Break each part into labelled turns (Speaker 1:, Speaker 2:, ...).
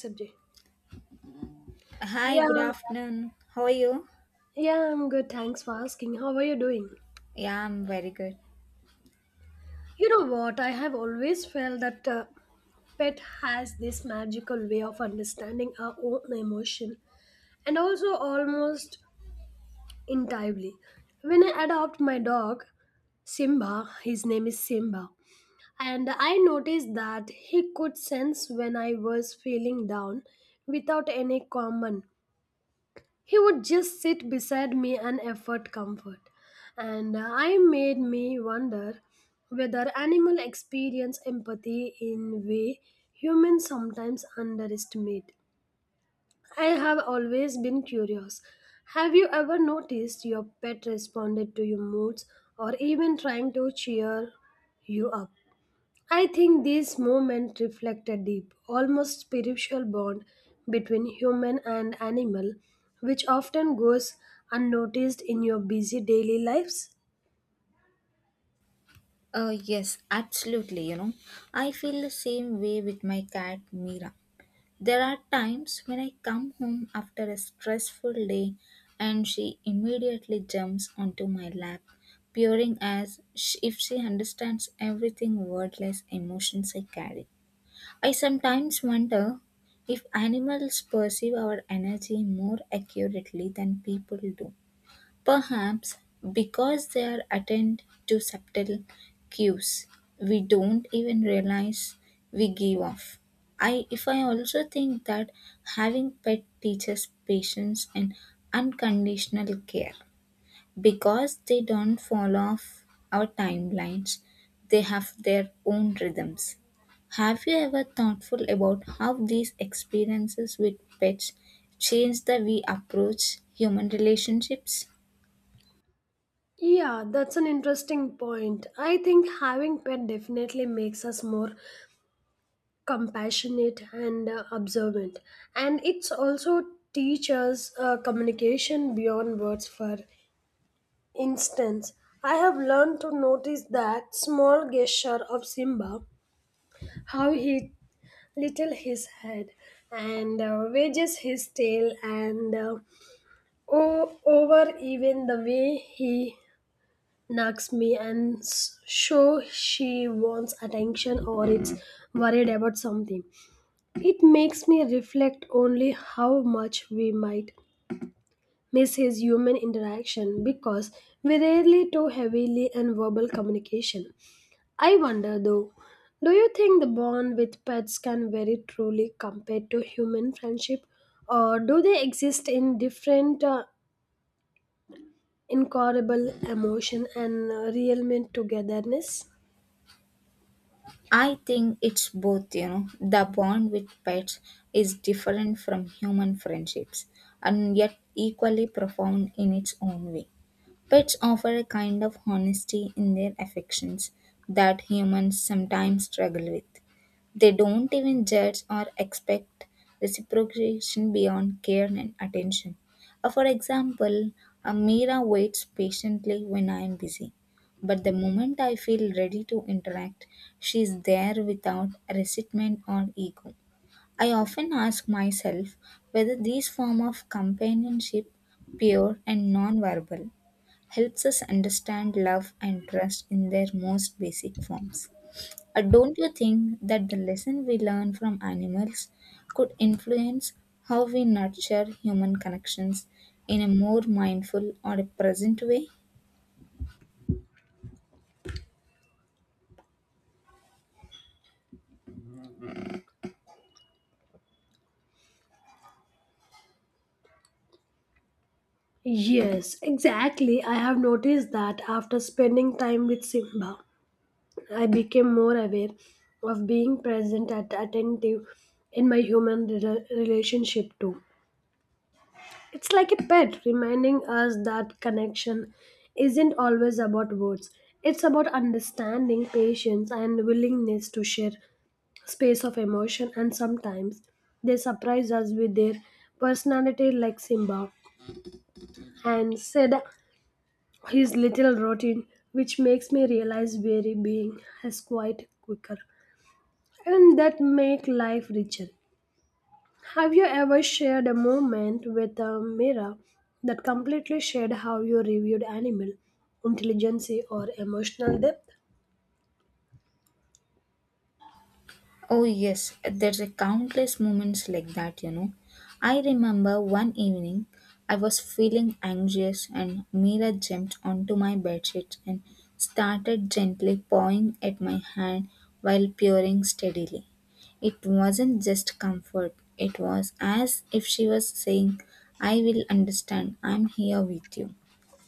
Speaker 1: Subject.
Speaker 2: Hi,
Speaker 1: Yeah,
Speaker 2: good afternoon. How are you?
Speaker 1: yeah, I'm good. Thanks for asking. How are you doing?
Speaker 2: Yeah, I'm very good.
Speaker 1: You know what? I have always felt that pet has this magical way of understanding our own emotion and also almost entirely. When I adopt my dog, Simba, his name is Simba, and I noticed that he could sense when I was feeling down without any common. He would just sit beside me and effort comfort. And I made me wonder whether animal experience empathy in way humans sometimes underestimate. I have always been curious. Have you ever noticed your pet responded to your moods or even trying to cheer you up? I think this movement reflects a deep, almost spiritual bond between human and animal, which often goes unnoticed in your busy daily lives.
Speaker 2: Oh, yes, absolutely. You know, I feel the same way with my cat Mira. There are times when I come home after a stressful day and she immediately jumps onto my lap, purring as if she understands everything wordless emotions I carry. I sometimes wonder if animals perceive our energy more accurately than people do. Perhaps because they are attend to subtle cues we don't even realize we give off. I if I also think that having pet teaches patience and unconditional care because they don't fall off our timelines, they have their own rhythms. Have you ever thoughtful about how these experiences with pets change the we approach human relationships?
Speaker 1: Yeah, that's an interesting point. I think having pet definitely makes us more compassionate and observant, and it's also teaches communication beyond words. For instance, I have learned to notice that small gesture of Simba, how he little his head and wages his tail and over even the way he knocks me and show she wants attention or it's worried about something. It makes me reflect only how much we might miss his human interaction because we rarely too heavily in verbal communication. I wonder though, do you think the bond with pets can vary truly compared to human friendship, or do they exist in different, incurable emotion and real meant togetherness?
Speaker 2: I think it's both, you know. The bond with pets is different from human friendships and yet equally profound in its own way. Pets offer a kind of honesty in their affections that humans sometimes struggle with. They don't even judge or expect reciprocation beyond care and attention. For example, Amira waits patiently when I am busy. But the moment I feel ready to interact, she is there without resentment or ego. I often ask myself whether this form of companionship, pure and non-verbal, helps us understand love and trust in their most basic forms. Don't you think that the lesson we learn from animals could influence how we nurture human connections in a more mindful or a present way?
Speaker 1: Yes, exactly. I have noticed that after spending time with Simba, I became more aware of being present and attentive in my relationship too. It's like a pet reminding us that connection isn't always about words. It's about understanding, patience, and willingness to share space of emotion, and sometimes they surprise us with their personality, like Simba, and said his little routine, which makes me realize very being has quite quicker, and that make life richer. Have you ever shared a moment with a mirror that completely shared how you reviewed animal intelligence or emotional depth?
Speaker 2: Oh yes, there's a countless moments like that, you know. I remember one evening I was feeling anxious and Mira jumped onto my bedsheet and started gently pawing at my hand while purring steadily. It wasn't just comfort, it was as if she was saying, I will understand, I'm here with you.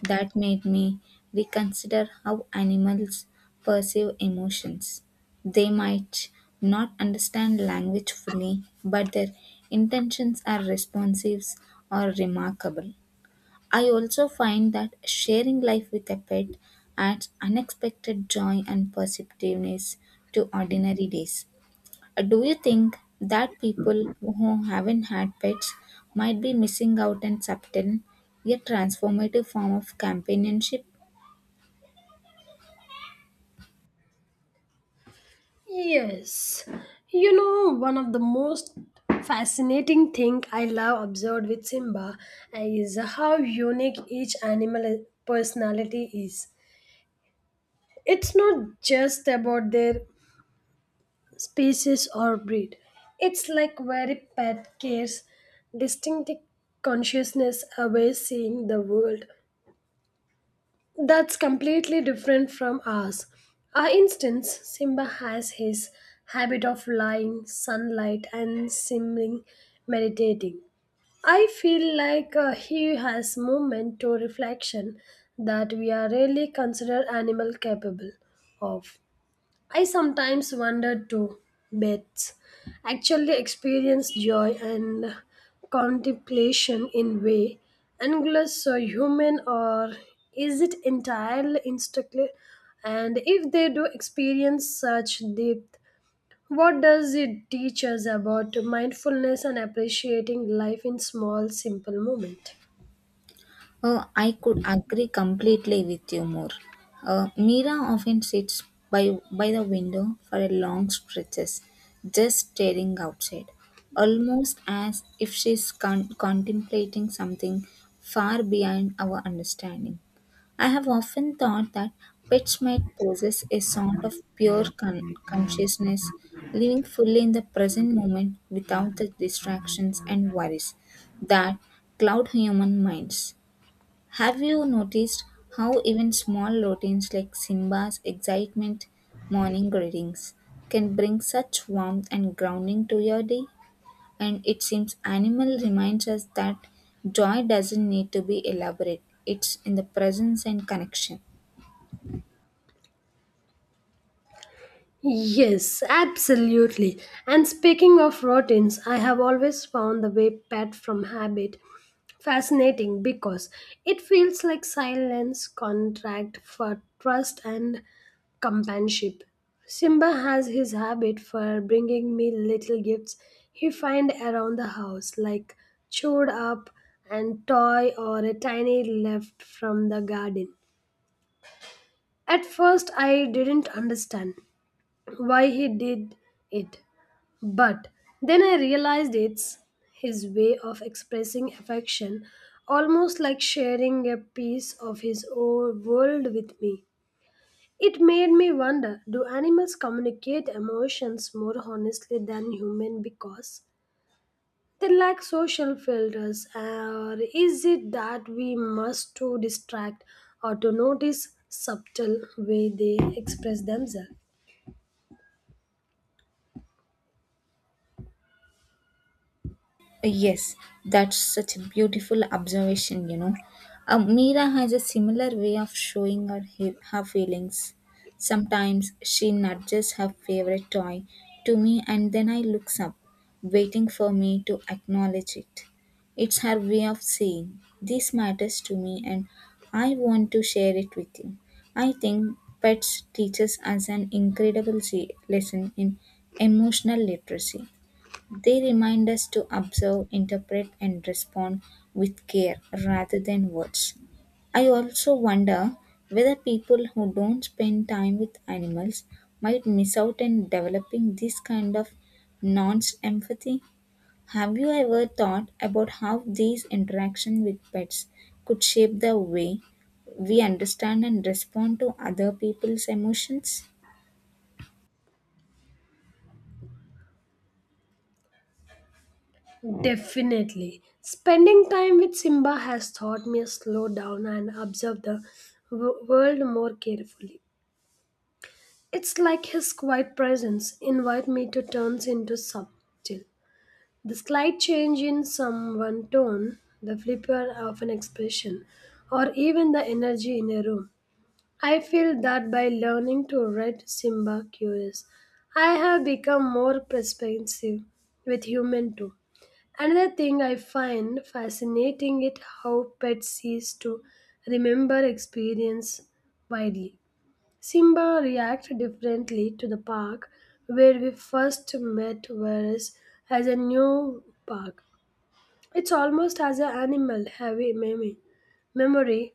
Speaker 2: That made me reconsider how animals perceive emotions. They might not understand language fully, but their intentions are responsive or remarkable. I also find that sharing life with a pet adds unexpected joy and positiveness to ordinary days. Do you think that people who haven't had pets might be missing out on subtle yet transformative form of companionship?
Speaker 1: Yes. You know, one of the most fascinating thing I love observed with Simba is how unique each animal personality is. It's not just about their species or breed. It's like very pet cares, distinctive consciousness away seeing the world that's completely different from ours. For instance, Simba has his habit of lying, sunlight, and simmering, meditating. I feel like he has moment to reflection that we are really consider animal capable of. I sometimes wonder too. Bets actually experience joy and contemplation in way anglers or human, or is it entirely instinctive? And if they do experience such depth, what does it teach us about mindfulness and appreciating life in small, simple moments?
Speaker 2: I could agree completely with you more. Mira often sits by the window for a long stretches, just staring outside, almost as if she's contemplating something far beyond our understanding. I have often thought that pets might possess a sort of pure consciousness, living fully in the present moment without the distractions and worries that cloud human minds. Have you noticed how even small routines like Simba's excitement morning greetings can bring such warmth and grounding to your day? And it seems animal reminds us that joy doesn't need to be elaborate. It's in the presence and connection.
Speaker 1: Yes, absolutely. And speaking of routines, I have always found the way pet from habit fascinating because it feels like silence contract for trust and companionship. Simba has his habit for bringing me little gifts he find around the house, like chewed up and toy or a tiny left from the garden. At first, I didn't understand why he did it. But then I realized it's his way of expressing affection, almost like sharing a piece of his own world with me. It made me wonder, do animals communicate emotions more honestly than humans because they lack social filters, or is it that we must to distract or to notice subtle way they express themselves?
Speaker 2: Yes, that's such a beautiful observation, you know. Mira has a similar way of showing her feelings. Sometimes she nudges her favorite toy to me, and then I looks up, waiting for me to acknowledge it. It's her way of saying, This matters to me, and I want to share it with you. I think pets teaches us an incredible lesson in emotional literacy. They remind us to observe, interpret, and respond with care rather than words. I also wonder whether people who don't spend time with animals might miss out on developing this kind of non empathy. Have you ever thought about how these interactions with pets could shape the way we understand and respond to other people's emotions?
Speaker 1: Definitely. Spending time with Simba has taught me to slow down and observe the world more carefully. It's like his quiet presence invite me to turns into subtle. The slight change in someone's tone, the flipper of an expression, or even the energy in a room. I feel that by learning to read Simba curious, I have become more perspective with human too. Another thing I find fascinating is how pets cease to remember experience widely. Simba reacts differently to the park where we first met, whereas as a new park, it's almost as an animal heavy memory, memory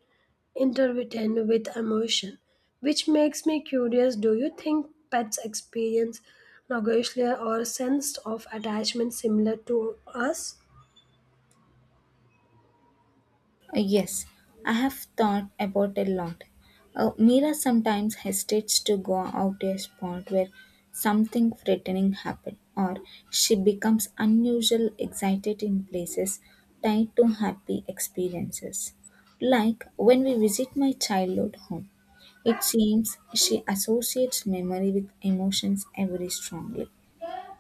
Speaker 1: interwoven with emotion, which makes me curious. Do you think pets experience nausea or sense of attachment similar to us?
Speaker 2: Yes, I have thought about a lot. Mira sometimes hesitates to go out a spot where something threatening happened, or she becomes unusual excited in places tied to happy experiences. Like when we visit my childhood home, it seems she associates memory with emotions very strongly.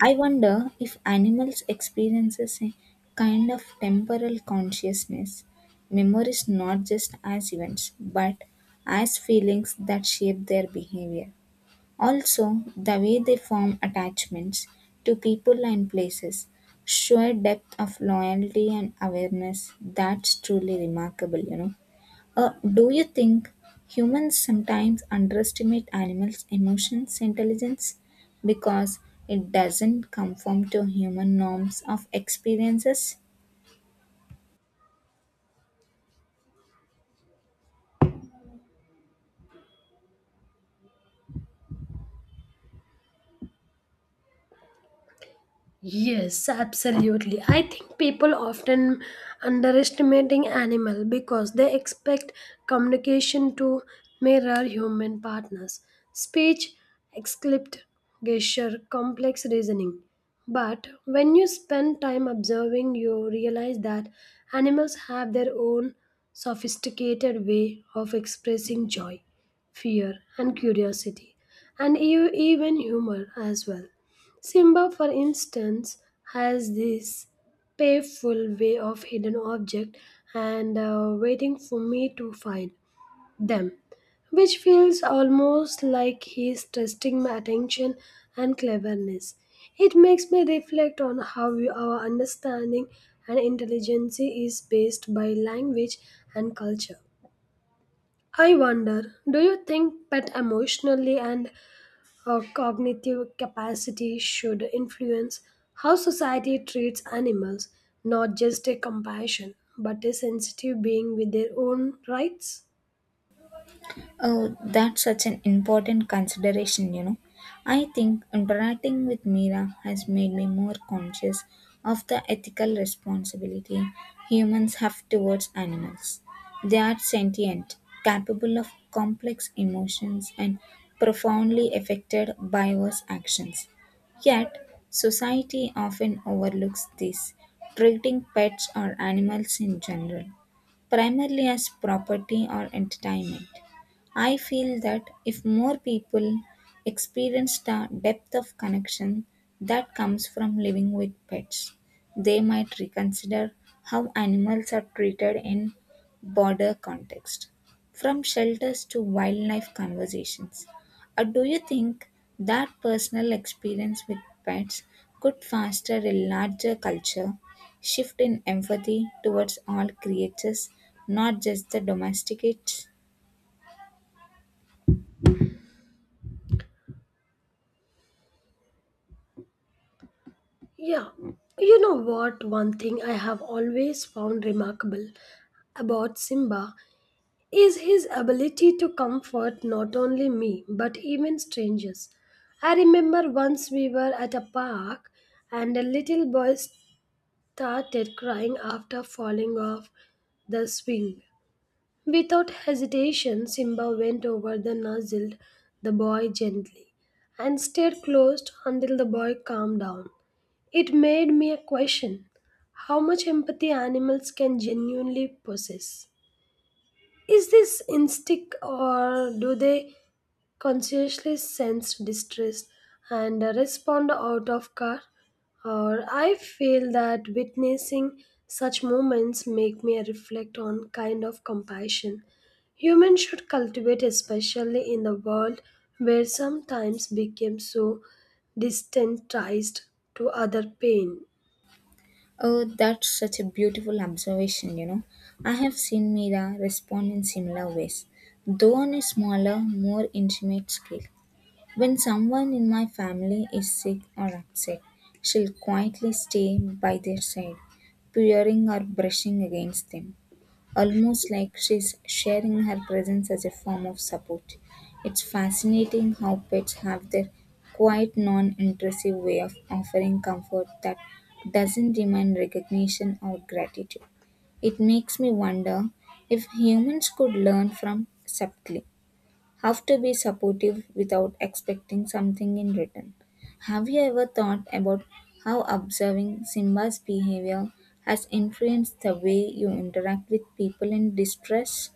Speaker 2: I wonder if animals experiences a kind of temporal consciousness, memories not just as events but as feelings that shape their behavior. Also, the way they form attachments to people and places show a depth of loyalty and awareness that's truly remarkable, you know. Uh, do you think humans sometimes underestimate animals' emotions intelligence because it doesn't conform to human norms of experiences?
Speaker 1: Yes, absolutely. I think people often underestimating animal because they expect communication to mirror human partners. Speech, excliped gesture, complex reasoning. But when you spend time observing, you realize that animals have their own sophisticated way of expressing joy, fear, and curiosity, and even humor as well. Simba, for instance, has this playful way of hidden object and waiting for me to find them, which feels almost like he's testing my attention and cleverness. It makes me reflect on how our understanding and intelligence is based by language and culture. I wonder, do you think pet emotionally and our cognitive capacity should influence how society treats animals, not just a compassion, but a sensitive being with their own rights.
Speaker 2: Oh, that's such an important consideration, you know. I think interacting with Mira has made me more conscious of the ethical responsibility humans have towards animals. They are sentient, capable of complex emotions, and profoundly affected by our actions. Yet, society often overlooks this, treating pets or animals in general primarily as property or entertainment. I feel that if more people experienced the depth of connection that comes from living with pets, they might reconsider how animals are treated in broader context, from shelters to wildlife conversations. Or do you think that personal experience with pets could foster a larger culture shift in empathy towards all creatures, not just the domesticates.
Speaker 1: Yeah. You know what? One thing I have always found remarkable about Simba is his ability to comfort not only me but even strangers. I remember once we were at a park and a little boy started crying after falling off the swing. Without hesitation, Simba went over the nuzzled the boy gently and stayed close until the boy calmed down. It made me question how much empathy animals can genuinely possess. Is this instinct or do they consciously sense distress and respond out of car, or I feel that witnessing such moments make me reflect on kind of compassion humans should cultivate, especially in the world where sometimes became so desensitized to other pain.
Speaker 2: Oh, that's such a beautiful observation, you know. I have seen Mira respond in similar ways, though on a smaller, more intimate scale. When someone in my family is sick or upset, she'll quietly stay by their side, purring or brushing against them. Almost like she's sharing her presence as a form of support. It's fascinating how pets have their quite non intrusive way of offering comfort that doesn't demand recognition or gratitude. It makes me wonder if humans could learn from subtly have to be supportive without expecting something in return. Have you ever thought about how observing Simba's behavior has influenced the way you interact with people in distress?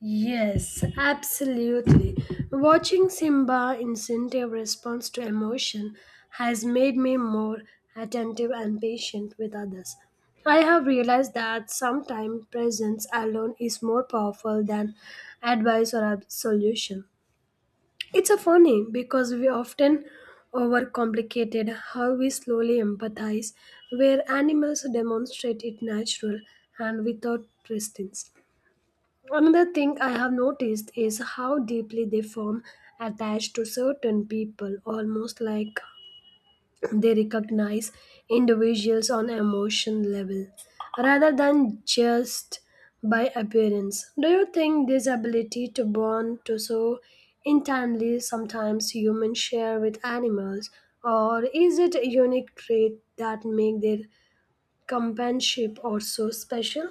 Speaker 1: Yes, absolutely. Watching Simba instinctive response to emotion has made me more attentive and patient with others. I have realized that sometimes presence alone is more powerful than advice or a solution. It's a funny because we often overcomplicate how we slowly empathize, where animals demonstrate it natural and without resistance. Another thing I have noticed is how deeply they form attached to certain people, almost like they recognize individuals on emotion level rather than just by appearance. Do you think this ability to bond to so intimately sometimes humans share with animals, or is it a unique trait that make their companionship also special?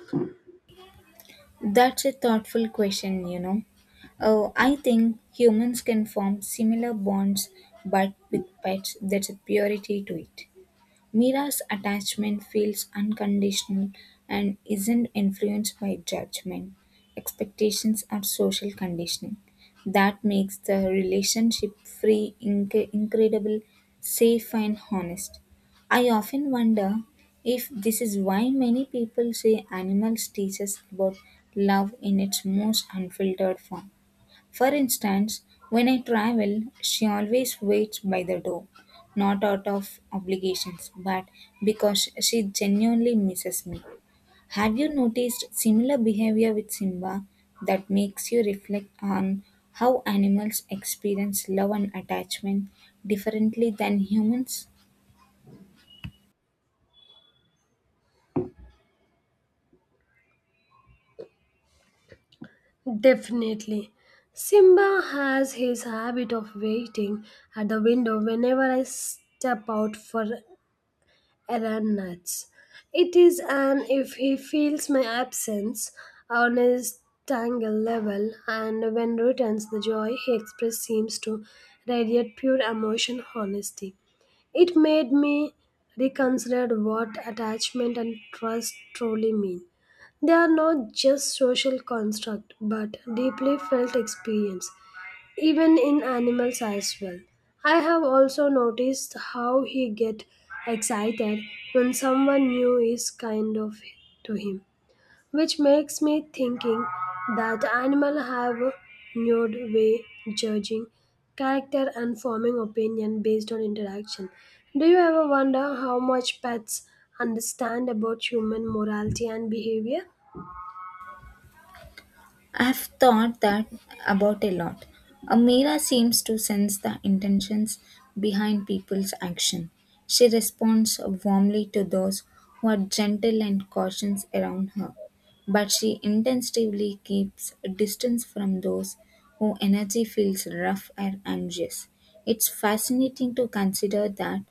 Speaker 2: That's a thoughtful question, you know. Oh, I think humans can form similar bonds, but with pets, there's a purity to it. Mira's attachment feels unconditional and isn't influenced by judgment, expectations, or social conditioning. That makes the relationship free, incredible, safe, and honest. I often wonder if this is why many people say animals teach us about love in its most unfiltered form. For instance, when I travel, she always waits by the door, not out of obligations, but because she genuinely misses me. Have you noticed similar behavior with Simba that makes you reflect on how animals experience love and attachment differently than humans?
Speaker 1: Definitely. Simba has his habit of waiting at the window whenever I step out for Alan nuts. It is an if he feels my absence on his tangle level, and when returns the joy he expressed seems to radiate pure emotion honesty. It made me reconsider what attachment and trust truly mean. They are not just social construct but deeply felt experience even in animals as well. I have also noticed how he get excited when someone new is kind of to him, which makes me thinking that animal have a nude way judging character and forming opinion based on interaction. Do you ever wonder how much pets understand about human morality and behavior?
Speaker 2: I've thought that about a lot. A Mira seems to sense the intentions behind people's action. She responds warmly to those who are gentle and cautious around her, but she intensively keeps a distance from those whose energy feels rough and anxious. It's fascinating to consider that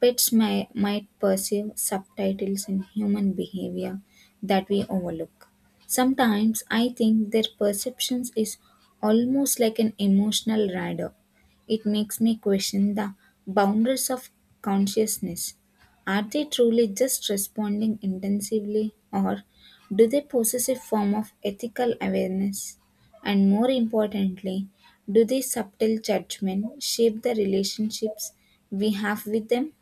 Speaker 2: might perceive subtitles in human behavior that we overlook. Sometimes I think their perceptions is almost like an emotional radar. It makes me question the boundaries of consciousness. Are they truly just responding intensively or do they possess a form of ethical awareness? And more importantly, do these subtle judgments shape the relationships we have with them?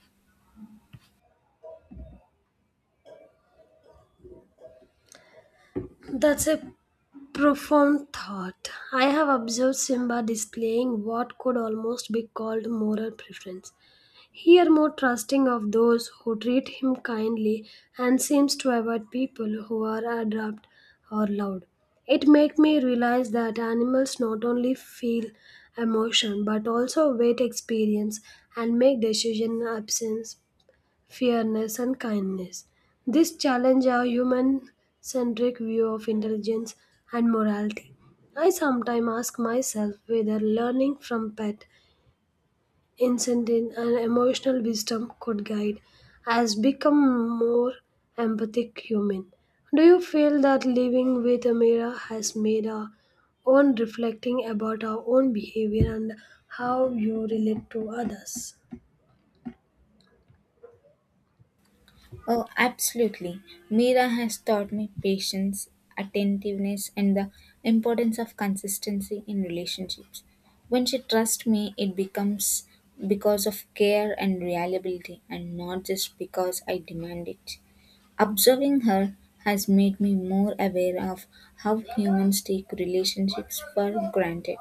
Speaker 1: That's a profound thought. I have observed Simba displaying what could almost be called moral preference. Here, more trusting of those who treat him kindly and seems to avoid people who are abrupt or loud. It made me realize that animals not only feel emotion but also weight experience and make decision absence fairness, and kindness. This challenge our human centric view of intelligence and morality. I sometimes ask myself whether learning from pet incident and emotional wisdom could guide us become more empathic human. Do you feel that living with a mirror has made our own reflecting about our own behavior and how you relate to others?
Speaker 2: Oh, absolutely. Mira has taught me patience, attentiveness, and the importance of consistency in relationships. When she trusts me, it becomes because of care and reliability and not just because I demand it. Observing her has made me more aware of how humans take relationships for granted.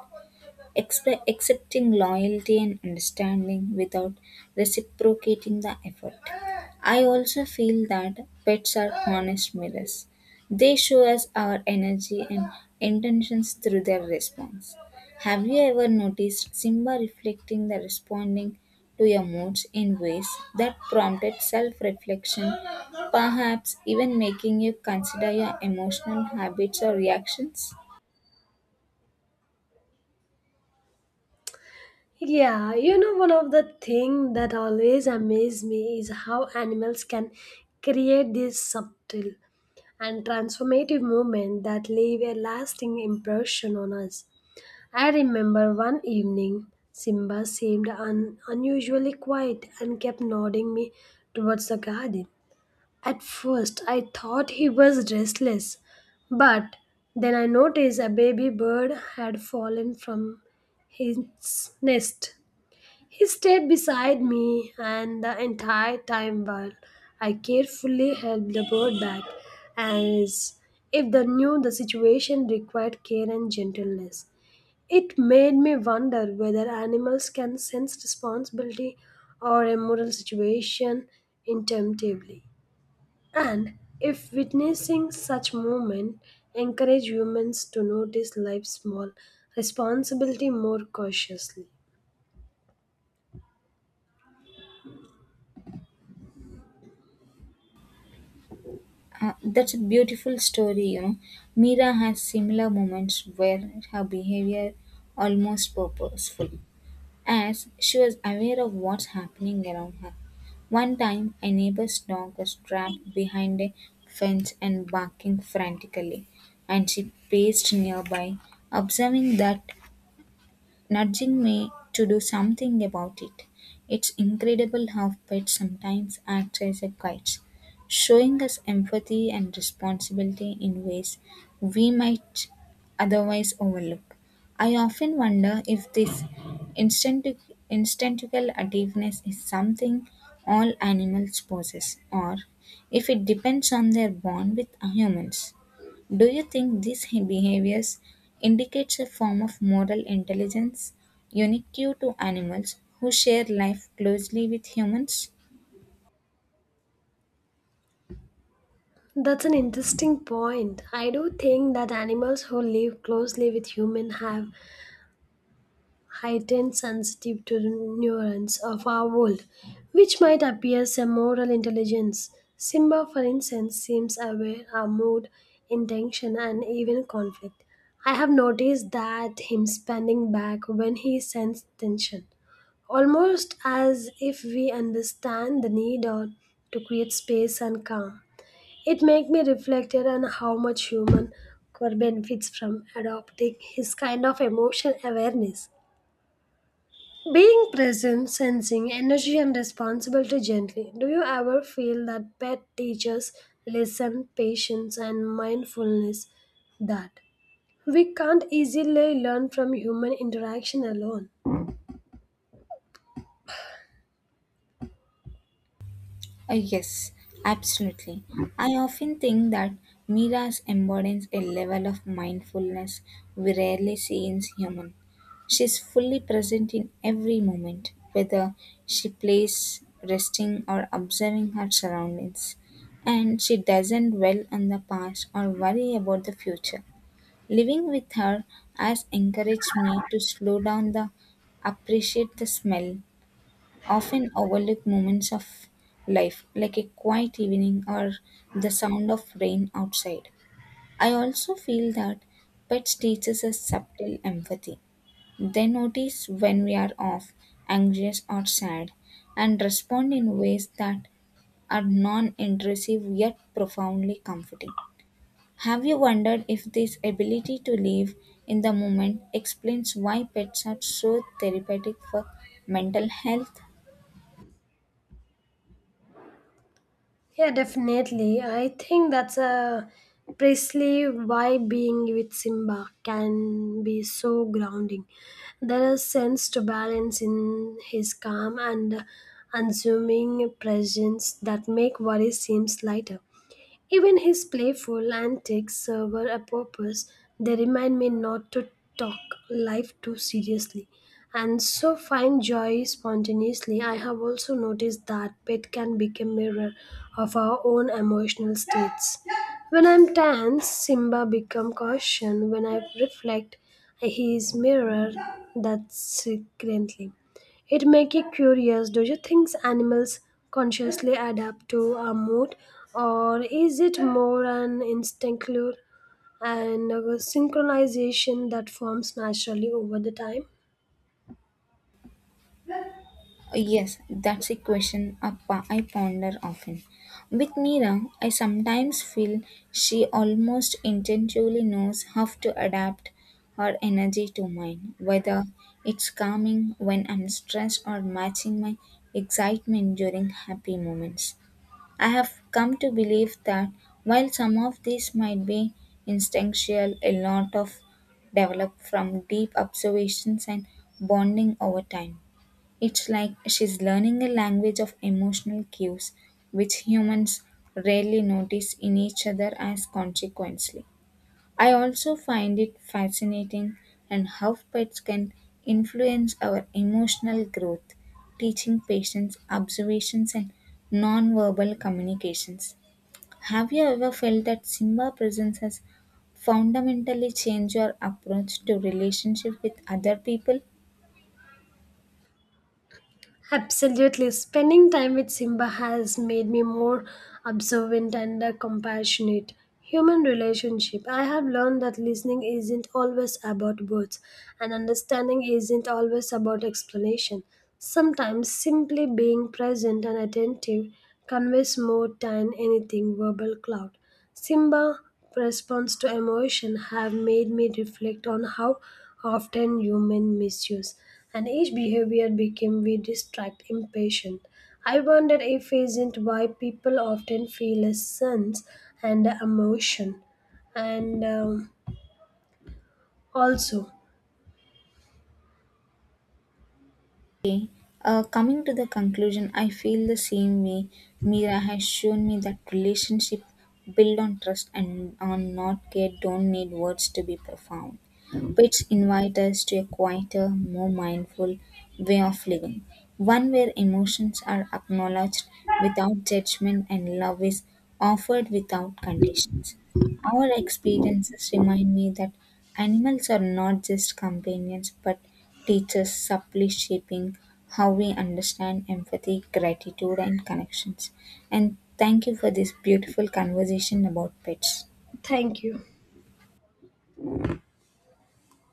Speaker 2: Accepting loyalty and understanding without reciprocating the effort. I also feel that pets are honest mirrors. They show us our energy and intentions through their response. Have you ever noticed Simba reflecting the responding to your moods in ways that prompted self reflection, perhaps even making you consider your emotional habits or reactions?
Speaker 1: Yeah, you know, one of the things that always amaze me is how animals can create this subtle and transformative movement that leave a lasting impression on us. I remember one evening, Simba seemed unusually quiet and kept nodding me towards the garden. At first, I thought he was restless, but then I noticed a baby bird had fallen from his nest. He stayed beside me, and the entire time while I carefully held the bird back, as if they knew the situation required care and gentleness. It made me wonder whether animals can sense responsibility or a moral situation intuitively, and if witnessing such movement encourage humans to notice life's small responsibility more cautiously.
Speaker 2: That's a beautiful story, you know. Mira has similar moments where her behavior almost purposeful, as she was aware of what's happening around her. One time, a neighbor's dog was trapped behind a fence and barking frantically, and she paced nearby, observing that nudging me to do something about it. It's incredible how pets sometimes act as a guides, showing us empathy and responsibility in ways we might otherwise overlook. I often wonder if this instinctive, instinctual attentiveness is something all animals possess, or if it depends on their bond with humans. Do you think these behaviors indicates a form of moral intelligence unique to animals who share life closely with humans?
Speaker 1: That's an interesting point. I do think that animals who live closely with humans have heightened sensitive to the nuance of our world, which might appear as a moral intelligence. Simba, for instance, seems aware of mood, intention, and even conflict. I have noticed that him standing back when he senses tension, almost as if we understand the need or to create space and calm. It made me reflected on how much human core benefits from adopting his kind of emotional awareness. Being present, sensing energy and responsibility gently. Do you ever feel that pet teaches lesson, patience and mindfulness that we can't easily learn from human interaction alone?
Speaker 2: Yes, absolutely. I often think that Mira's embodies a level of mindfulness we rarely see in humans. She's fully present in every moment, whether she plays, resting, or observing her surroundings. And she doesn't dwell on the past or worry about the future. Living with her has encouraged me to slow down the appreciate the smell, often overlook moments of life like a quiet evening or the sound of rain outside. I also feel that pets teaches us subtle empathy. They notice when we are off, anxious or sad and respond in ways that are non-intrusive yet profoundly comforting. Have you wondered if this ability to live in the moment explains why pets are so therapeutic for mental health?
Speaker 1: Yeah, definitely. I think that's a precisely why being with Simba can be so grounding. There is sense to balance in his calm and unassuming presence that make worry seems lighter. Even his playful antics serve a purpose. They remind me not to talk life too seriously and so find joy spontaneously. I have also noticed that pet can become mirror of our own emotional states. When I'm tense, Simba become caution. When I reflect, he is mirror that secretly. It make you curious. Do you think animals consciously adapt to our mood, or is it more an instinctual and a synchronization that forms naturally over the time?
Speaker 2: Yes, that's a question I ponder often. With Mira, I sometimes feel she almost intuitively knows how to adapt her energy to mine, whether it's calming when I'm stressed or matching my excitement during happy moments. I have come to believe that while some of these might be instinctual, a lot of develop from deep observations and bonding over time. It's like she's learning a language of emotional cues which humans rarely notice in each other as consequently. I also find it fascinating and how pets can influence our emotional growth, teaching patience, observations, and non-verbal communications. Have you ever felt that Simba presence has fundamentally changed your approach to relationship with other people?
Speaker 1: Absolutely. Spending time with Simba has made me more observant and compassionate. Human relationship. I have learned that listening isn't always about words, and understanding isn't always about explanation. Sometimes simply being present and attentive conveys more than anything verbal cloud. Simba response to emotion have made me reflect on how often human misuse and each behavior became we distract impatient. I wonder if isn't why people often feel a sense and emotion. And also,
Speaker 2: Coming to the conclusion, I feel the same way. Mira has shown me that relationship built on trust and on not care don't need words to be profound. Which invite us to a quieter, more mindful way of living, one where emotions are acknowledged without judgment and love is offered without conditions. Our experiences remind me that animals are not just companions but teachers subtly shaping how we understand empathy, gratitude, and connections. And thank you for this beautiful conversation about pets.
Speaker 1: thank you.